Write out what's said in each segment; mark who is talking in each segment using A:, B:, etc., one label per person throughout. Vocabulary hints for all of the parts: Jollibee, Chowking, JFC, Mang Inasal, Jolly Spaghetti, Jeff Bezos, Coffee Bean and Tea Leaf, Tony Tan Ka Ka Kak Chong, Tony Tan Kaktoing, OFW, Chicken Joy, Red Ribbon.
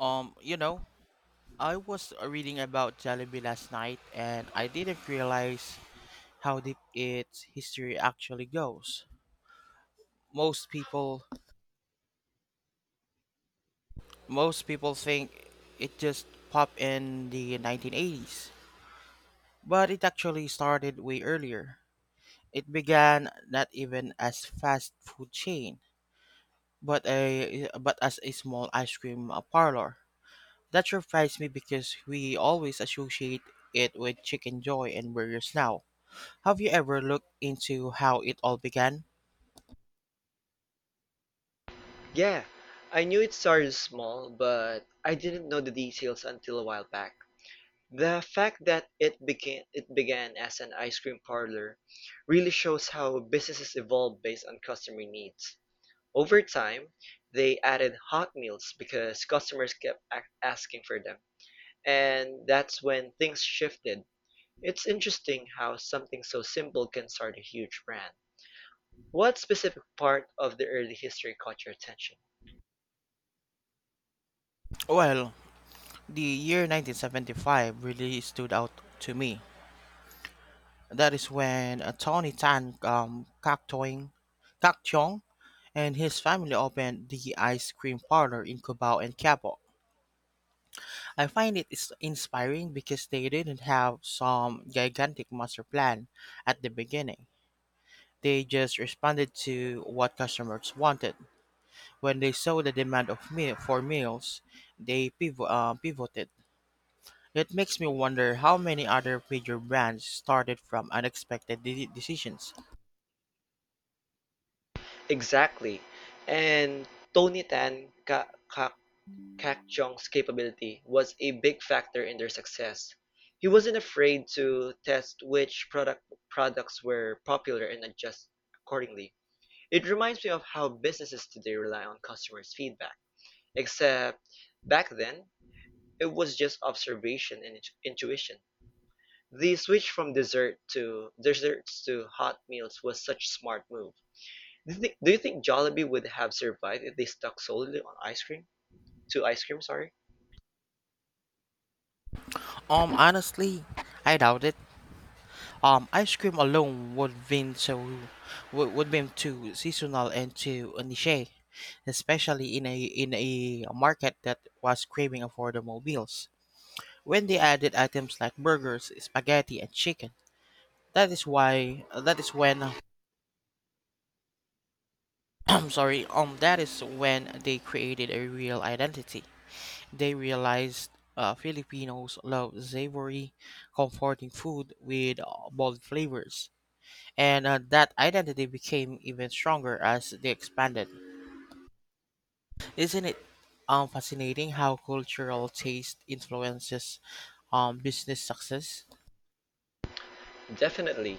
A: Um, you know, I was reading about Jollibee last night and I didn't realize how deep its history actually goes. Most people most people think it just popped in the 1980s, but it actually started way earlier. It began not even as fast food chain, but as a small ice cream parlor. That surprised me because we always associate it with Chicken Joy and burgers now. Have you ever looked into how it all began?
B: Yeah, I knew it started small, but I didn't know the details until a while back. The fact that it began as an ice cream parlor really shows how businesses evolve based on customer needs. Over time, they added hot meals because customers asking for them, and that's when things shifted. It's interesting how something so simple can start a huge brand. What specific part of the early history caught your attention?
A: Well, the year 1975 really stood out to me. That is when Tony Tan Kaktoing, Kakchong and his family opened the ice cream parlor in Cubao and Cabo. I find it is inspiring because they didn't have some gigantic master plan at the beginning. They just responded to what customers wanted. When they saw the demand of meal for meals, they pivoted. It makes me wonder how many other major brands started from unexpected decisions.
B: Exactly. And Tony Tan Ka Ka Kak Chong's capability was a big factor in their success. He wasn't afraid to test which product products were popular and adjust accordingly. It reminds me of how businesses today rely on customers' feedback. Except back then, it was just intuition. The switch from desserts to hot meals was such smart move. Do you think Jollibee would have survived if they stuck solely on ice cream, sorry?
A: Honestly, I doubt it. Ice cream alone would been so would been too seasonal and too niche, especially in a market that was craving affordable meals. When they added items like burgers, spaghetti, and chicken, that is when I'm sorry. That is when they created a real identity. They realized Filipinos love savory, comforting food with bold flavors, and that identity became even stronger as they expanded. Isn't it fascinating how cultural taste influences business success?
B: Definitely.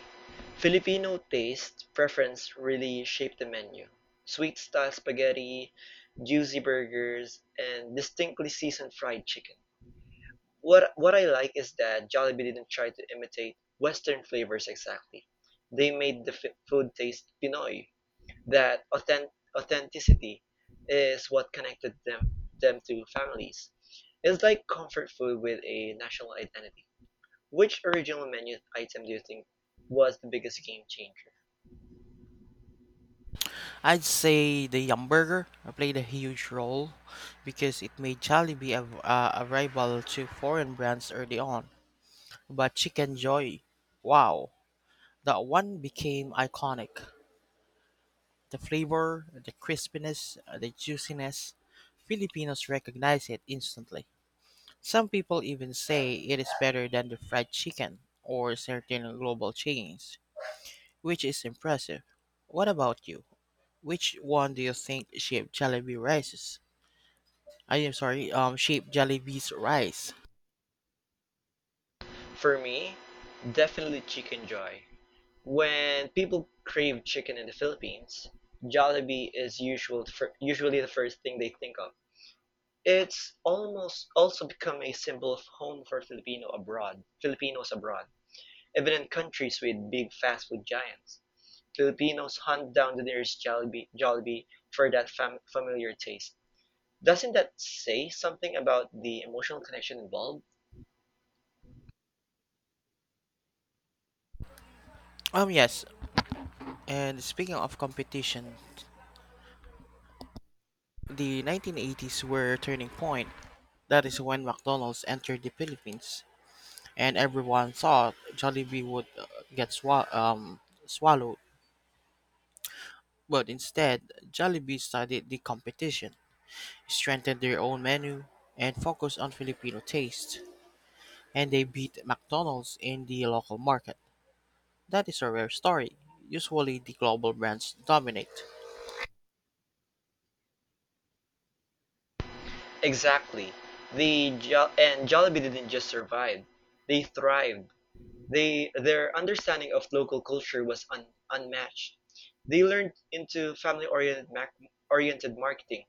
B: Filipino taste preference really shaped the menu. Sweet style spaghetti, juicy burgers, and distinctly seasoned fried chicken. What I like is that Jollibee didn't try to imitate Western flavors exactly. They made food taste Pinoy. that authen- Authenticity is what connected them to families. It's like comfort food with a national identity. Which original menu item do you think was the biggest game changer?
A: I'd say the hamburger played a huge role because it made Jollibee a rival to foreign brands early on. But Chicken Joy, wow, that one became iconic. The flavor, the crispiness, the juiciness, Filipinos recognize it instantly. Some people even say it is better than the fried chicken or certain global chains, which is impressive. What about you? Which one do you think shaped Jollibee rises? Shaped Jollibee's rise.
B: For me, definitely Chicken Joy. When people crave chicken in the Philippines, Jollibee is usually the first thing they think of. It's almost also become a symbol of home for Filipinos abroad. Even in countries with big fast food giants, Filipinos hunt down the nearest Jollibee for familiar taste. Doesn't that say something about the emotional connection involved?
A: Yes, and speaking of competition, the 1980s were a turning point. That is when McDonald's entered the Philippines. And everyone thought Jollibee would get swa- um, swallowed. But instead, Jollibee studied the competition, strengthened their own menu, and focused on Filipino taste. And they beat McDonald's in the local market. That is a rare story. Usually, the global brands dominate.
B: Exactly. The jo- and Jollibee didn't just survive; they thrived. They Their understanding of local culture was unmatched. They learned into oriented marketing,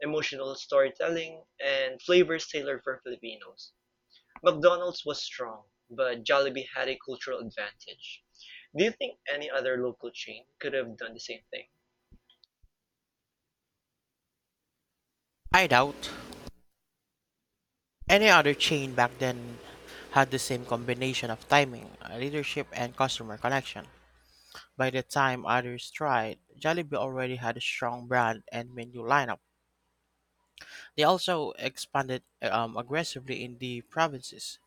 B: emotional storytelling, and flavors tailored for Filipinos. McDonald's was strong, but Jollibee had a cultural advantage. Do you think any other local chain could have done the same thing?
A: I doubt any other chain back then had the same combination of timing, leadership, and customer connection. By the time others tried, Jollibee already had a strong brand and menu lineup. They also expanded aggressively in the provinces,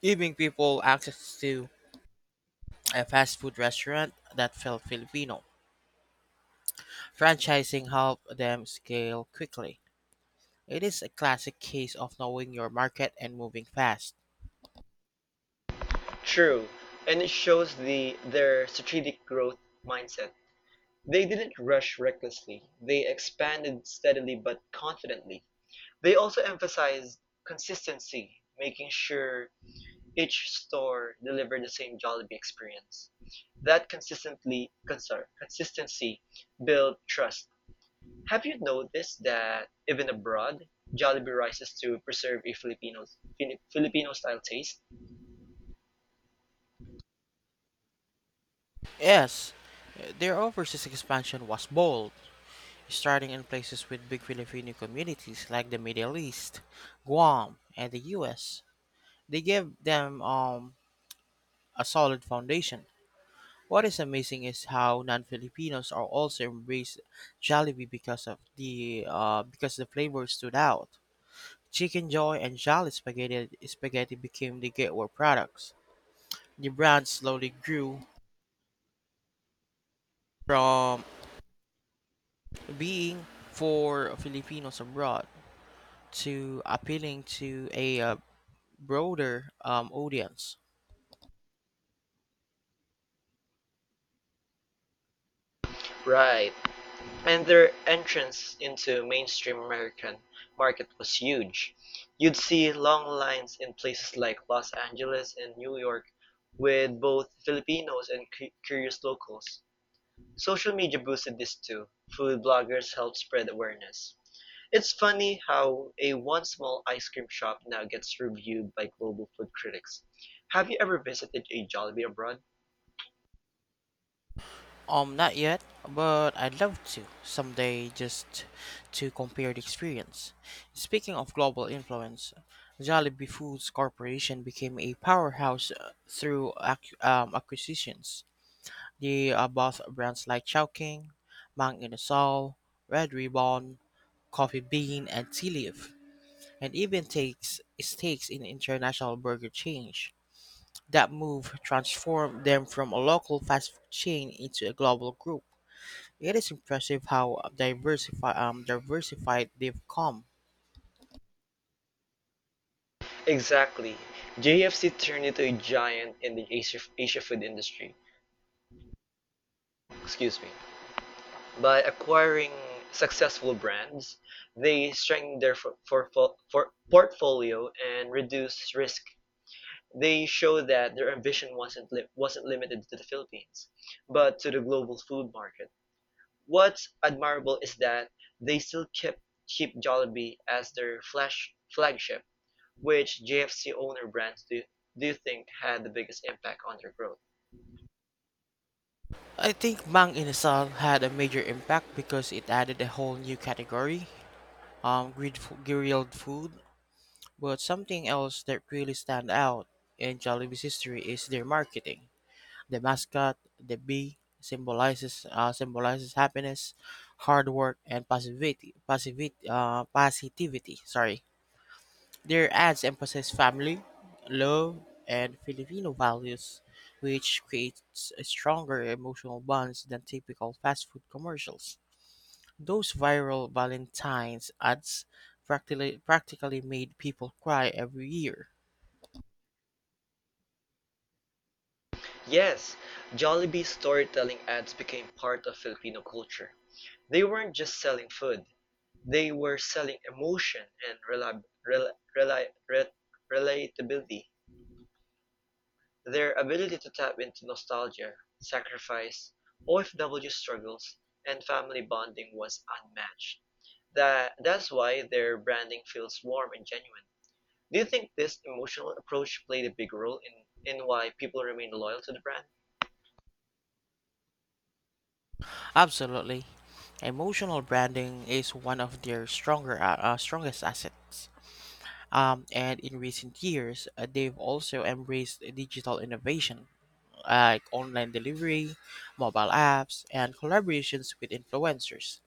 A: giving people access to a fast food restaurant that felt Filipino. Franchising helped them scale quickly. It is a classic case of knowing your market and moving fast.
B: True, and it shows their strategic growth mindset. They didn't rush recklessly. They expanded steadily but confidently. They also emphasized consistency, making sure each store delivered the same Jollibee experience. That consistency built trust. Have you noticed that even abroad, Jollibee rises to preserve a Filipino style taste?
A: Yes, their overseas expansion was bold, starting in places with big Filipino communities like the Middle East, Guam, and the US. They give them a solid foundation. What is amazing is how non-Filipinos are also embraced Jollibee because of the because the flavor stood out. Chicken Joy and Jolly Spaghetti became the gateway products. The brand slowly grew from being for Filipinos abroad to appealing to a broader audience.
B: Right. And their entrance into mainstream American market was huge. You'd see long lines in places like Los Angeles and New York with both Filipinos and curious locals. Social media boosted this too. Food bloggers helped spread awareness. It's funny how a once small ice cream shop now gets reviewed by global food critics. Have you ever visited a Jollibee abroad?
A: Not yet, but I'd love to someday just to compare the experience. Speaking of global influence, Jollibee Foods Corporation became a powerhouse through acquisitions. They bought brands like Chowking, Mang Inasal, Red Ribbon, Coffee Bean, and Tea Leaf, and even takes stakes in international burger chains. That move transformed them from a local fast food chain into a global group. It is impressive how diversified they've come.
B: Exactly. JFC turned into a giant in the Asia food industry. Excuse me. By acquiring successful brands, they strengthen their for portfolio and reduce risk. They show that their ambition wasn't limited to the Philippines, but to the global food market. What's admirable is that they still kept keep Jollibee as their flash flagship. Which JFC owner brands do you think had the biggest impact on their growth?
A: I think Mang Inasal had a major impact because it added a whole new category, grilled food. But something else that really stand out in Jollibee's history is their marketing. The mascot, the bee, symbolizes happiness, hard work, and positivity. Sorry. Their ads emphasize family, love, and Filipino values, which creates a stronger emotional bonds than typical fast food commercials. Those viral Valentine's ads practically made people cry every year.
B: Yes, Jollibee's storytelling ads became part of Filipino culture. They weren't just selling food, they were selling emotion and rela- rela- re- relatability. Their ability to tap into nostalgia, sacrifice, OFW struggles, and family bonding was unmatched. That's why their branding feels warm and genuine. Do you think this emotional approach played a big role in why people remain loyal to the brand?
A: Absolutely. Emotional branding is one of their strongest assets. And in recent years, they've also embraced digital innovation like online delivery, mobile apps, and collaborations with influencers.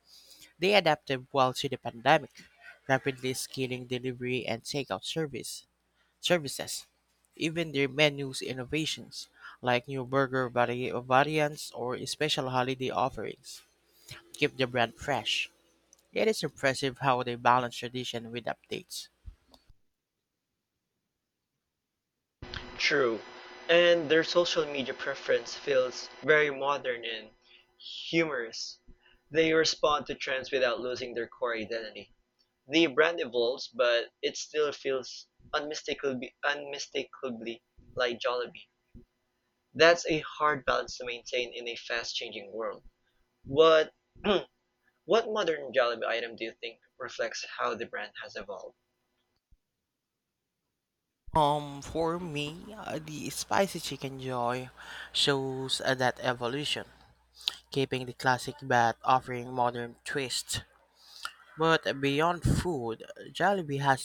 A: They adapted well to the pandemic, rapidly scaling delivery and takeout service services. Even their menus innovations, like new variants or special holiday offerings, keep the brand fresh. It is impressive how they balance tradition with updates.
B: True. And their social media preference feels very modern and humorous. They respond to trends without losing their core identity. The brand evolves, but it still feels unmistakably like Jollibee. That's a hard balance to maintain in a fast-changing world. What what modern Jollibee item do you think reflects how the brand has evolved?
A: For me, the spicy chicken joy shows that evolution, keeping the classic but offering modern twists. But beyond food, Jollibee has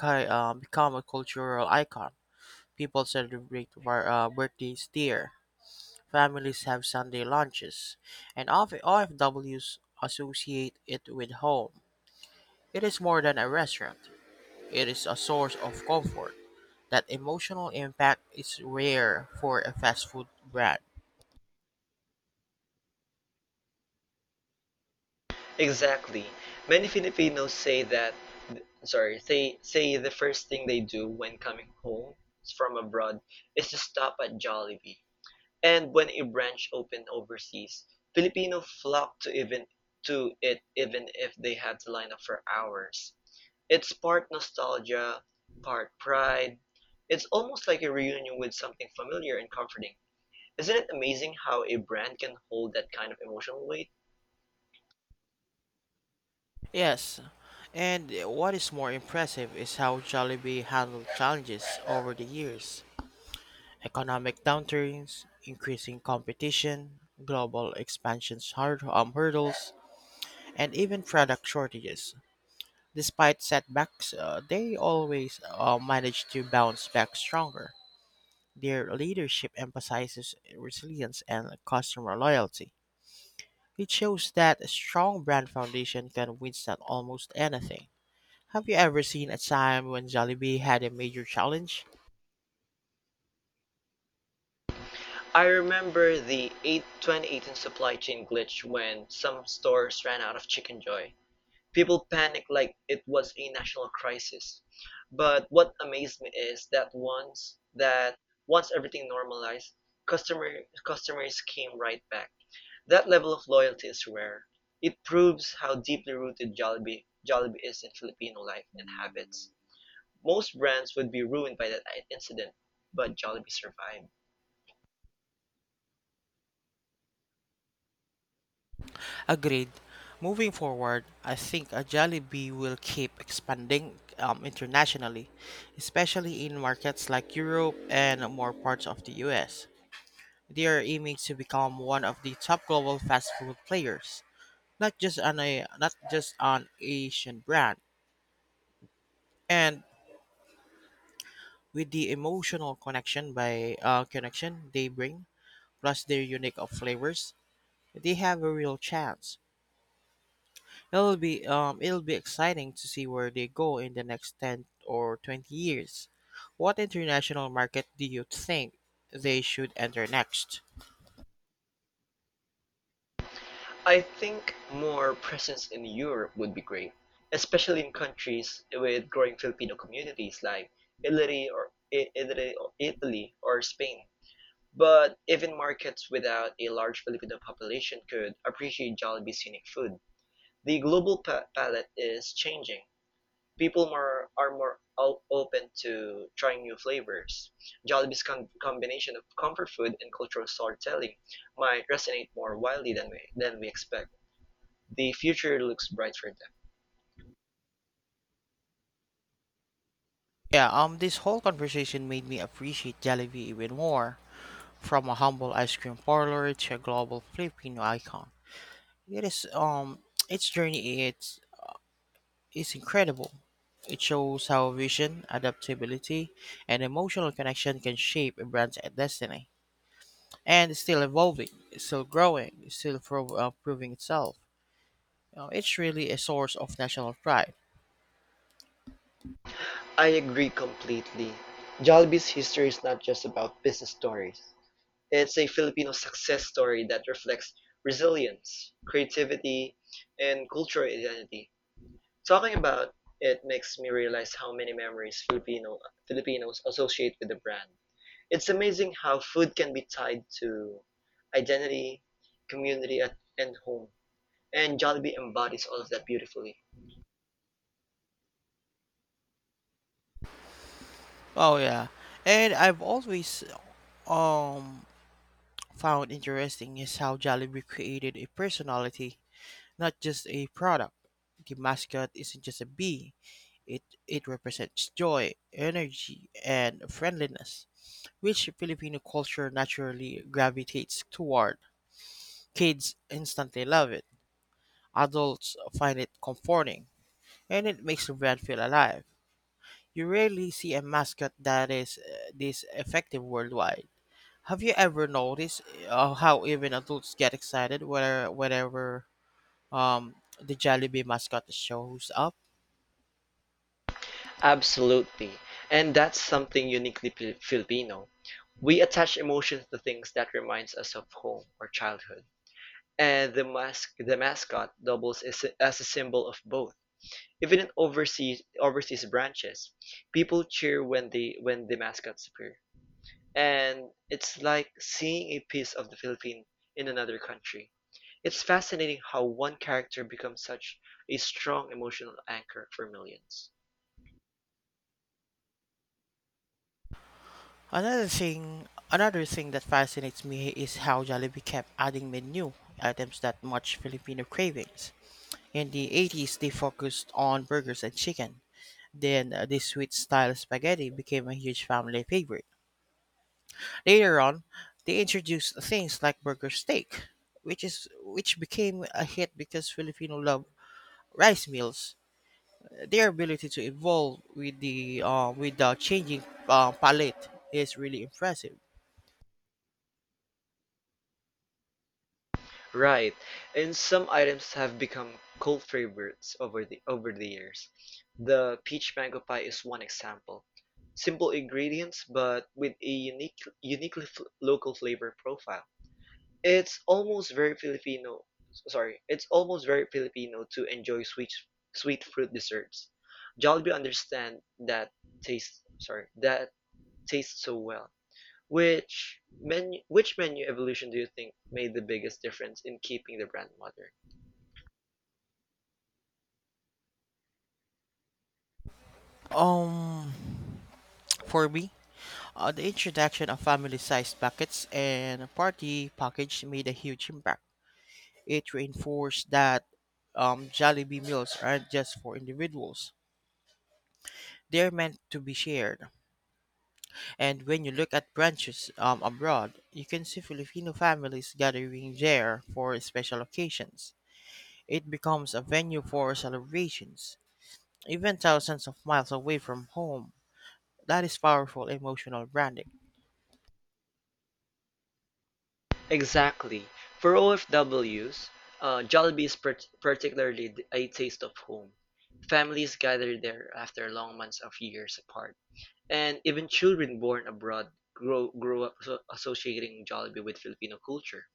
A: become a cultural icon. People celebrate birthdays there, families have Sunday lunches, and OFWs associate it with home. It is more than a restaurant, it is a source of comfort. That emotional impact is rare for a fast food brand.
B: Exactly. Many Filipinos say that sorry, say say the first thing they do when coming home from abroad is to stop at Jollibee. And when a branch opened overseas, Filipino flocked to it even if they had to line up for hours. It's part nostalgia, part pride. It's almost like a reunion with something familiar and comforting. Isn't it amazing how a brand can hold that kind of emotional weight?
A: Yes, and what is more impressive is how Jollibee handled challenges over the years. Economic downturns, increasing competition, hurdles, and even product shortages. Despite setbacks, they always manage to bounce back stronger. Their leadership emphasizes resilience and customer loyalty. It shows that a strong brand foundation can withstand almost anything. Have you ever seen a time when Jollibee had a major challenge?
B: I remember the 2018 supply chain glitch when some stores ran out of Chicken Joy. People panicked like it was a national crisis. But what amazed me is that once everything normalized, customers came right back. That level of loyalty is rare. It proves how deeply rooted Jollibee is in Filipino life and habits. Most brands would be ruined by that incident, but Jollibee survived.
A: Agreed. Moving forward, I think a Jollibee will keep expanding internationally, especially in markets like Europe and more parts of the US. They are aiming to become one of the top global fast food players, not just an Asian brand. And with the emotional connection by connection they bring, plus their unique of flavors, they have a real chance. It'll be exciting to see where they go in the next 10 or 20 years. What international market do you think they should enter next?
B: I think more presence in Europe would be great, especially in countries with growing Filipino communities like Italy or I- Italy or Italy or Spain. But even markets without a large Filipino population could appreciate Jollibee's unique food. The global palette is changing. People more are more open to trying new flavors. Jollibee's combination of comfort food and cultural storytelling might resonate more widely than we expect. The future looks bright for them.
A: Yeah, this whole conversation made me appreciate Jollibee even more. From a humble ice cream parlor to a global Filipino icon. It is its journey it's is incredible. It shows how vision, adaptability, and emotional connection can shape a brand's destiny. And it's still evolving, it's still growing, it's still proving itself. You know, it's really a source of national pride.
B: I agree completely. Jollibee history is not just about business stories. It's a Filipino success story that reflects resilience, creativity, and cultural identity. Talking about it makes me realize how many memories Filipinos associate with the brand. It's amazing how food can be tied to identity, community, and home. And Jollibee embodies all of that beautifully.
A: Oh yeah, and I've always um found interesting is how Jollibee created a personality, not just a product. The mascot isn't just a bee; it represents joy, energy, and friendliness, which Filipino culture naturally gravitates toward. Kids instantly love it. Adults find it comforting and it makes the brand feel alive. You rarely see a mascot that is this effective worldwide. Have you ever noticed how even adults get excited whenever the Jollibee mascot shows up?
B: Absolutely. And that's something uniquely Filipino. We attach emotions to things that reminds us of home or childhood. And the mascot doubles as as a symbol of both. Even in overseas branches, people cheer when the mascots appear. And it's like seeing a piece of the Philippine in another country. It's fascinating how one character becomes such a strong emotional anchor for millions.
A: Another thing that fascinates me is how Jollibee kept adding menu items that match Filipino cravings. In the 80s, they focused on burgers and chicken. Then the sweet style spaghetti became a huge family favorite. Later on, they introduced things like burger steak, which became a hit because Filipino love rice meals. Their ability to evolve with the changing palate is really impressive.
B: Right, and some items have become cult favorites over the years. The peach mango pie is one example. Simple ingredients, but with a uniquely f local flavor profile. It's almost very Filipino. Sorry, it's almost very Filipino to enjoy sweet fruit desserts. Jollibee understand that taste. Sorry, that tastes so well. Which menu? Which menu evolution do you think made the biggest difference in keeping the brand modern?
A: Um, for me, the introduction of family-sized packets and party package made a huge impact. It reinforced that Jollibee meals aren't just for individuals; they're meant to be shared. And when you look at branches abroad, you can see Filipino families gathering there for special occasions. It becomes a venue for celebrations, even thousands of miles away from home. That is powerful emotional branding.
B: Exactly. For OFWs, Jollibee is particularly a taste of home. Families gather there after long months of years apart. And even children born abroad grow up associating Jollibee with Filipino culture.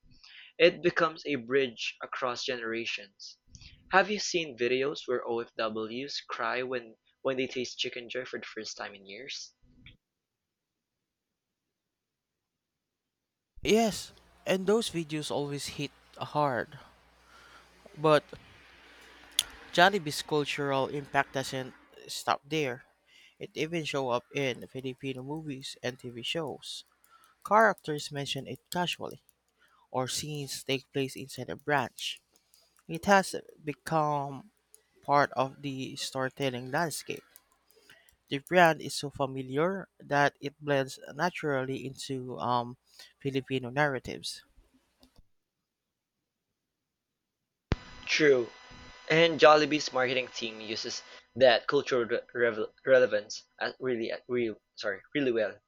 B: It becomes a bridge across generations. Have you seen videos where OFWs cry when they taste Chicken Joy for the first time in years?
A: Yes, and those videos always hit hard. But Jollibee's cultural impact doesn't stop there. It even show up in Filipino movies and TV shows. Characters mention it casually or scenes take place inside a branch. It has become part of the storytelling landscape. The brand is so familiar that it blends naturally into Filipino narratives.
B: True. And Jollibee's marketing team uses that cultural re- revel- relevance as really, at real, sorry, really well.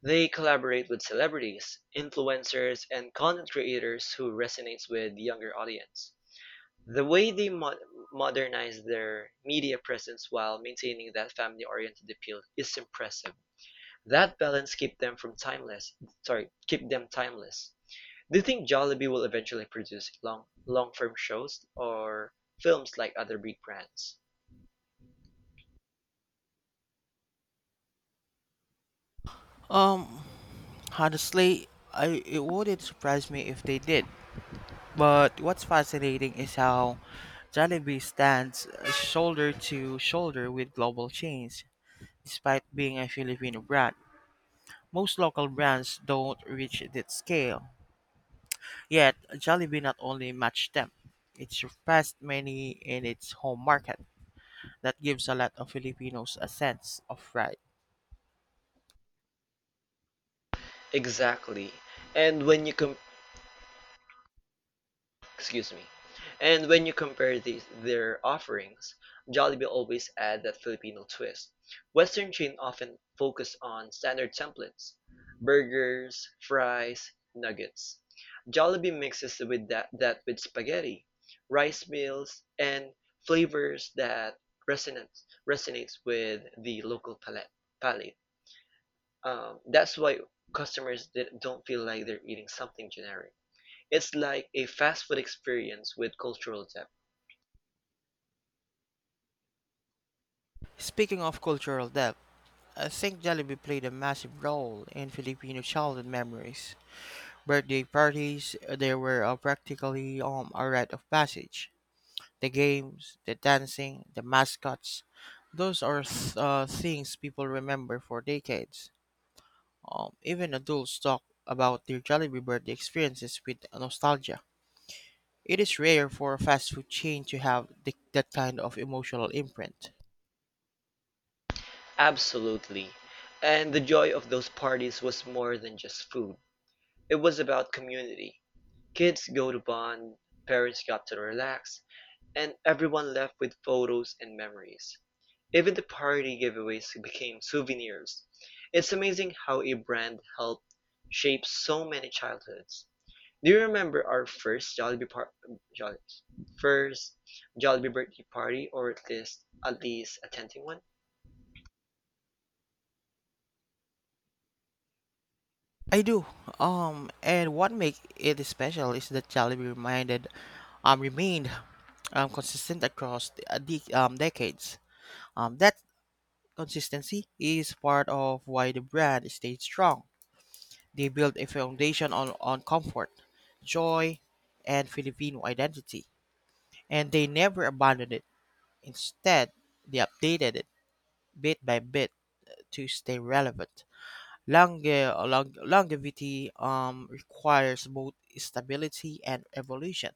B: They collaborate with celebrities, influencers, and content creators who resonates with the younger audience. The way they modernized their media presence while maintaining that family-oriented appeal is impressive. That balance kept them from timeless. Sorry, keep them timeless. Do you think Jollibee will eventually produce long-form shows or films like other big brands?
A: Um, Honestly, I it wouldn't surprise me if they did. But what's fascinating is how Jollibee stands shoulder to shoulder with global chains, despite being a Filipino brand. Most local brands don't reach that scale. Yet Jollibee not only matched them, it surpassed many in its home market. That gives a lot of Filipinos a sense of pride.
B: Exactly. And when you compare excuse me. And when you compare these, their offerings, Jollibee always add that Filipino twist. Western chain often focus on standard templates, burgers, fries, nuggets. Jollibee mixes with that with spaghetti, rice meals, and flavors that resonates with the local palate. That's why customers don't feel like they're eating something generic. It's like a fast food experience with cultural depth.
A: Speaking of cultural depth, I think Jollibee played a massive role in Filipino childhood memories. Birthday parties, they were practically a rite of passage. The games, the dancing, the mascots, those are things people remember for decades. Even adults talk about their Jollibee birthday experiences with nostalgia. It is rare for a fast food chain to have that kind of emotional imprint.
B: Absolutely. And the joy of those parties was more than just food. It was about community. Kids go to bond, parents got to relax, and everyone left with photos and memories. Even the party giveaways became souvenirs. It's amazing how a brand helped shape so many childhoods. Do you remember our Jolli- first Jollibee birthday party, or at least attending one?
A: I do. And what makes it special is that remained consistent across the decades. That consistency is part of why the brand stayed strong. They built a foundation on comfort, joy, and Filipino identity. And they never abandoned it. Instead, they updated it bit by bit to stay relevant. Longevity requires both stability and evolution.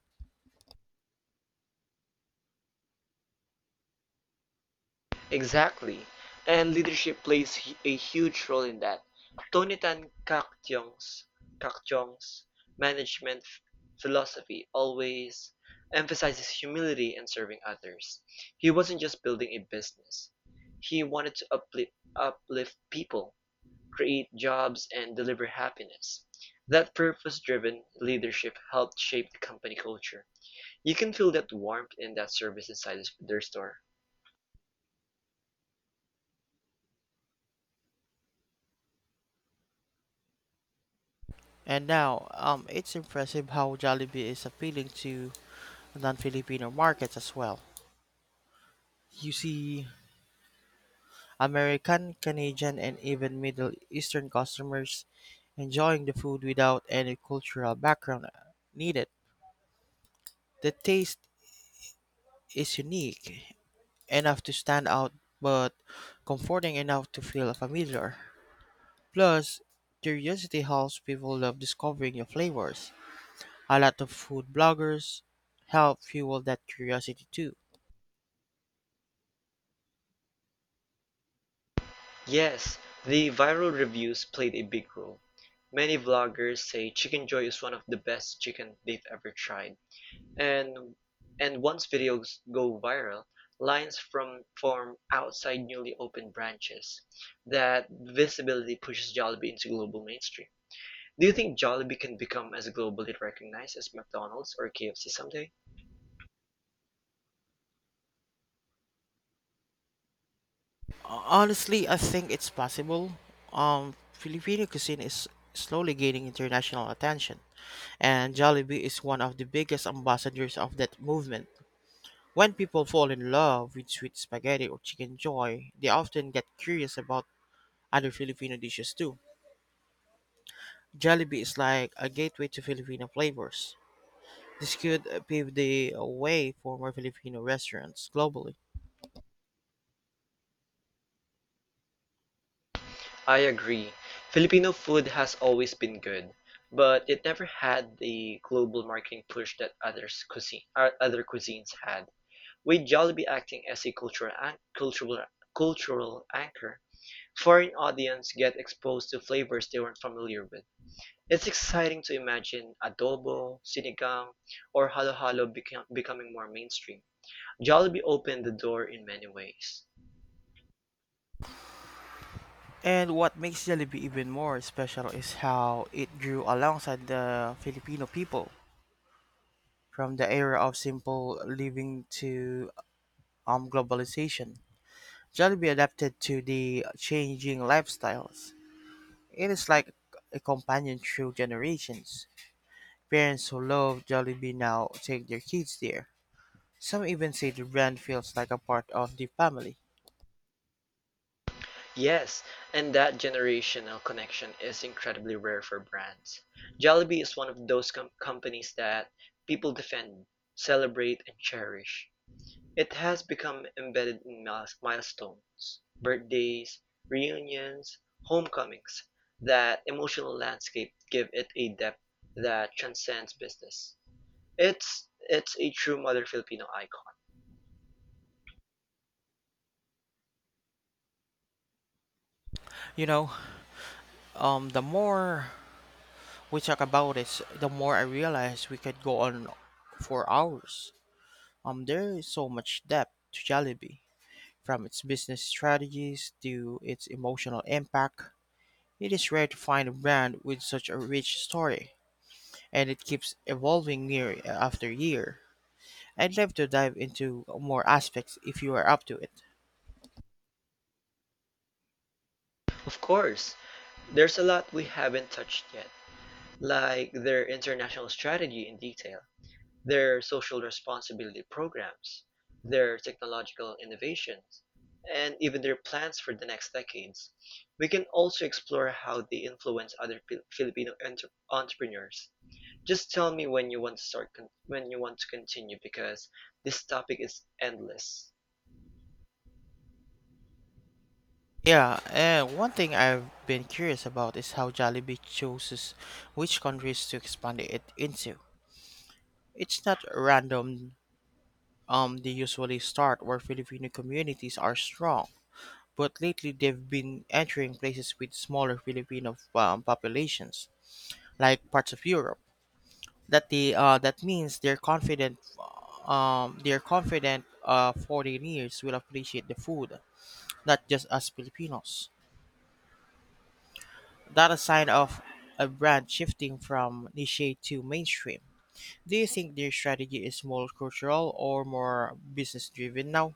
B: Exactly. And leadership plays a huge role in that. Tony Tan Kakjong's management philosophy always emphasizes humility and serving others. He wasn't just building a business; he wanted to uplift people, create jobs and deliver happiness. That purpose-driven leadership helped shape the company culture. You can feel that warmth and that service inside their store.
A: And now, it's impressive how Jollibee is appealing to non-Filipino markets as well. You see American, Canadian, and even Middle Eastern customers enjoying the food without any cultural background needed. The taste is unique enough to stand out, but comforting enough to feel familiar. Plus, curiosity helps people love discovering new flavors. A lot of food bloggers help fuel that curiosity too.
B: Yes, the viral reviews played a big role. Many vloggers say Chicken Joy is one of the best chicken they've ever tried. And once videos go viral, lines from form outside newly opened branches. That visibility pushes Jollibee into global mainstream. Do you think Jollibee can become as globally recognized as McDonald's or KFC someday?
A: Honestly, I think it's possible. Filipino cuisine is slowly gaining international attention, and Jollibee is one of the biggest ambassadors of that movement. When people fall in love with sweet spaghetti or chicken joy, they often get curious about other Filipino dishes too. Jollibee is like a gateway to Filipino flavors. This could pave the way for more Filipino restaurants globally.
B: I agree. Filipino food has always been good, but it never had the global marketing push that other cuisines had. With Jollibee acting as a cultural an- cultural cultural anchor, foreign audience get exposed to flavors they weren't familiar with. It's exciting to imagine adobo, sinigang, or becoming more mainstream. Jollibee opened the door in many ways.
A: And what makes Jollibee even more special is how it grew alongside the Filipino people from the era of simple living to globalization. Jollibee adapted to the changing lifestyles. It is like a companion through generations. Parents who love Jollibee now take their kids there. Some even say the brand feels like a part of the family.
B: Yes, and that generational connection is incredibly rare for brands. Jollibee is one of those companies that people defend, celebrate, and cherish. It has become embedded in milestones, birthdays, reunions, homecomings. That emotional landscape give it a depth that transcends business. It's a true mother Filipino icon.
A: You know, the more we talk about this, the more I realize we could go on for hours. There is so much depth to Jollibee, from its business strategies to its emotional impact. It is rare to find a brand with such a rich story, and it keeps evolving year after year. I'd love to dive into more aspects if you are up to it.
B: Of course, there's a lot we haven't touched yet, like their international strategy in detail, their social responsibility programs, their technological innovations, and even their plans for the next decades. We can also explore how they influence other Filipino entrepreneurs. Just tell me when you want to when you want to continue because this topic is endless.
A: Yeah, and one thing I've been curious about is how Jollibee chooses which countries to expand it into. It's not random. They usually start where Filipino communities are strong, but lately they've been entering places with smaller Filipino populations, like parts of Europe. That means they're confident. Foreigners will appreciate the food, not just us Filipinos. That a sign of a brand shifting from niche to mainstream. Do you think their strategy is more cultural or more business driven now?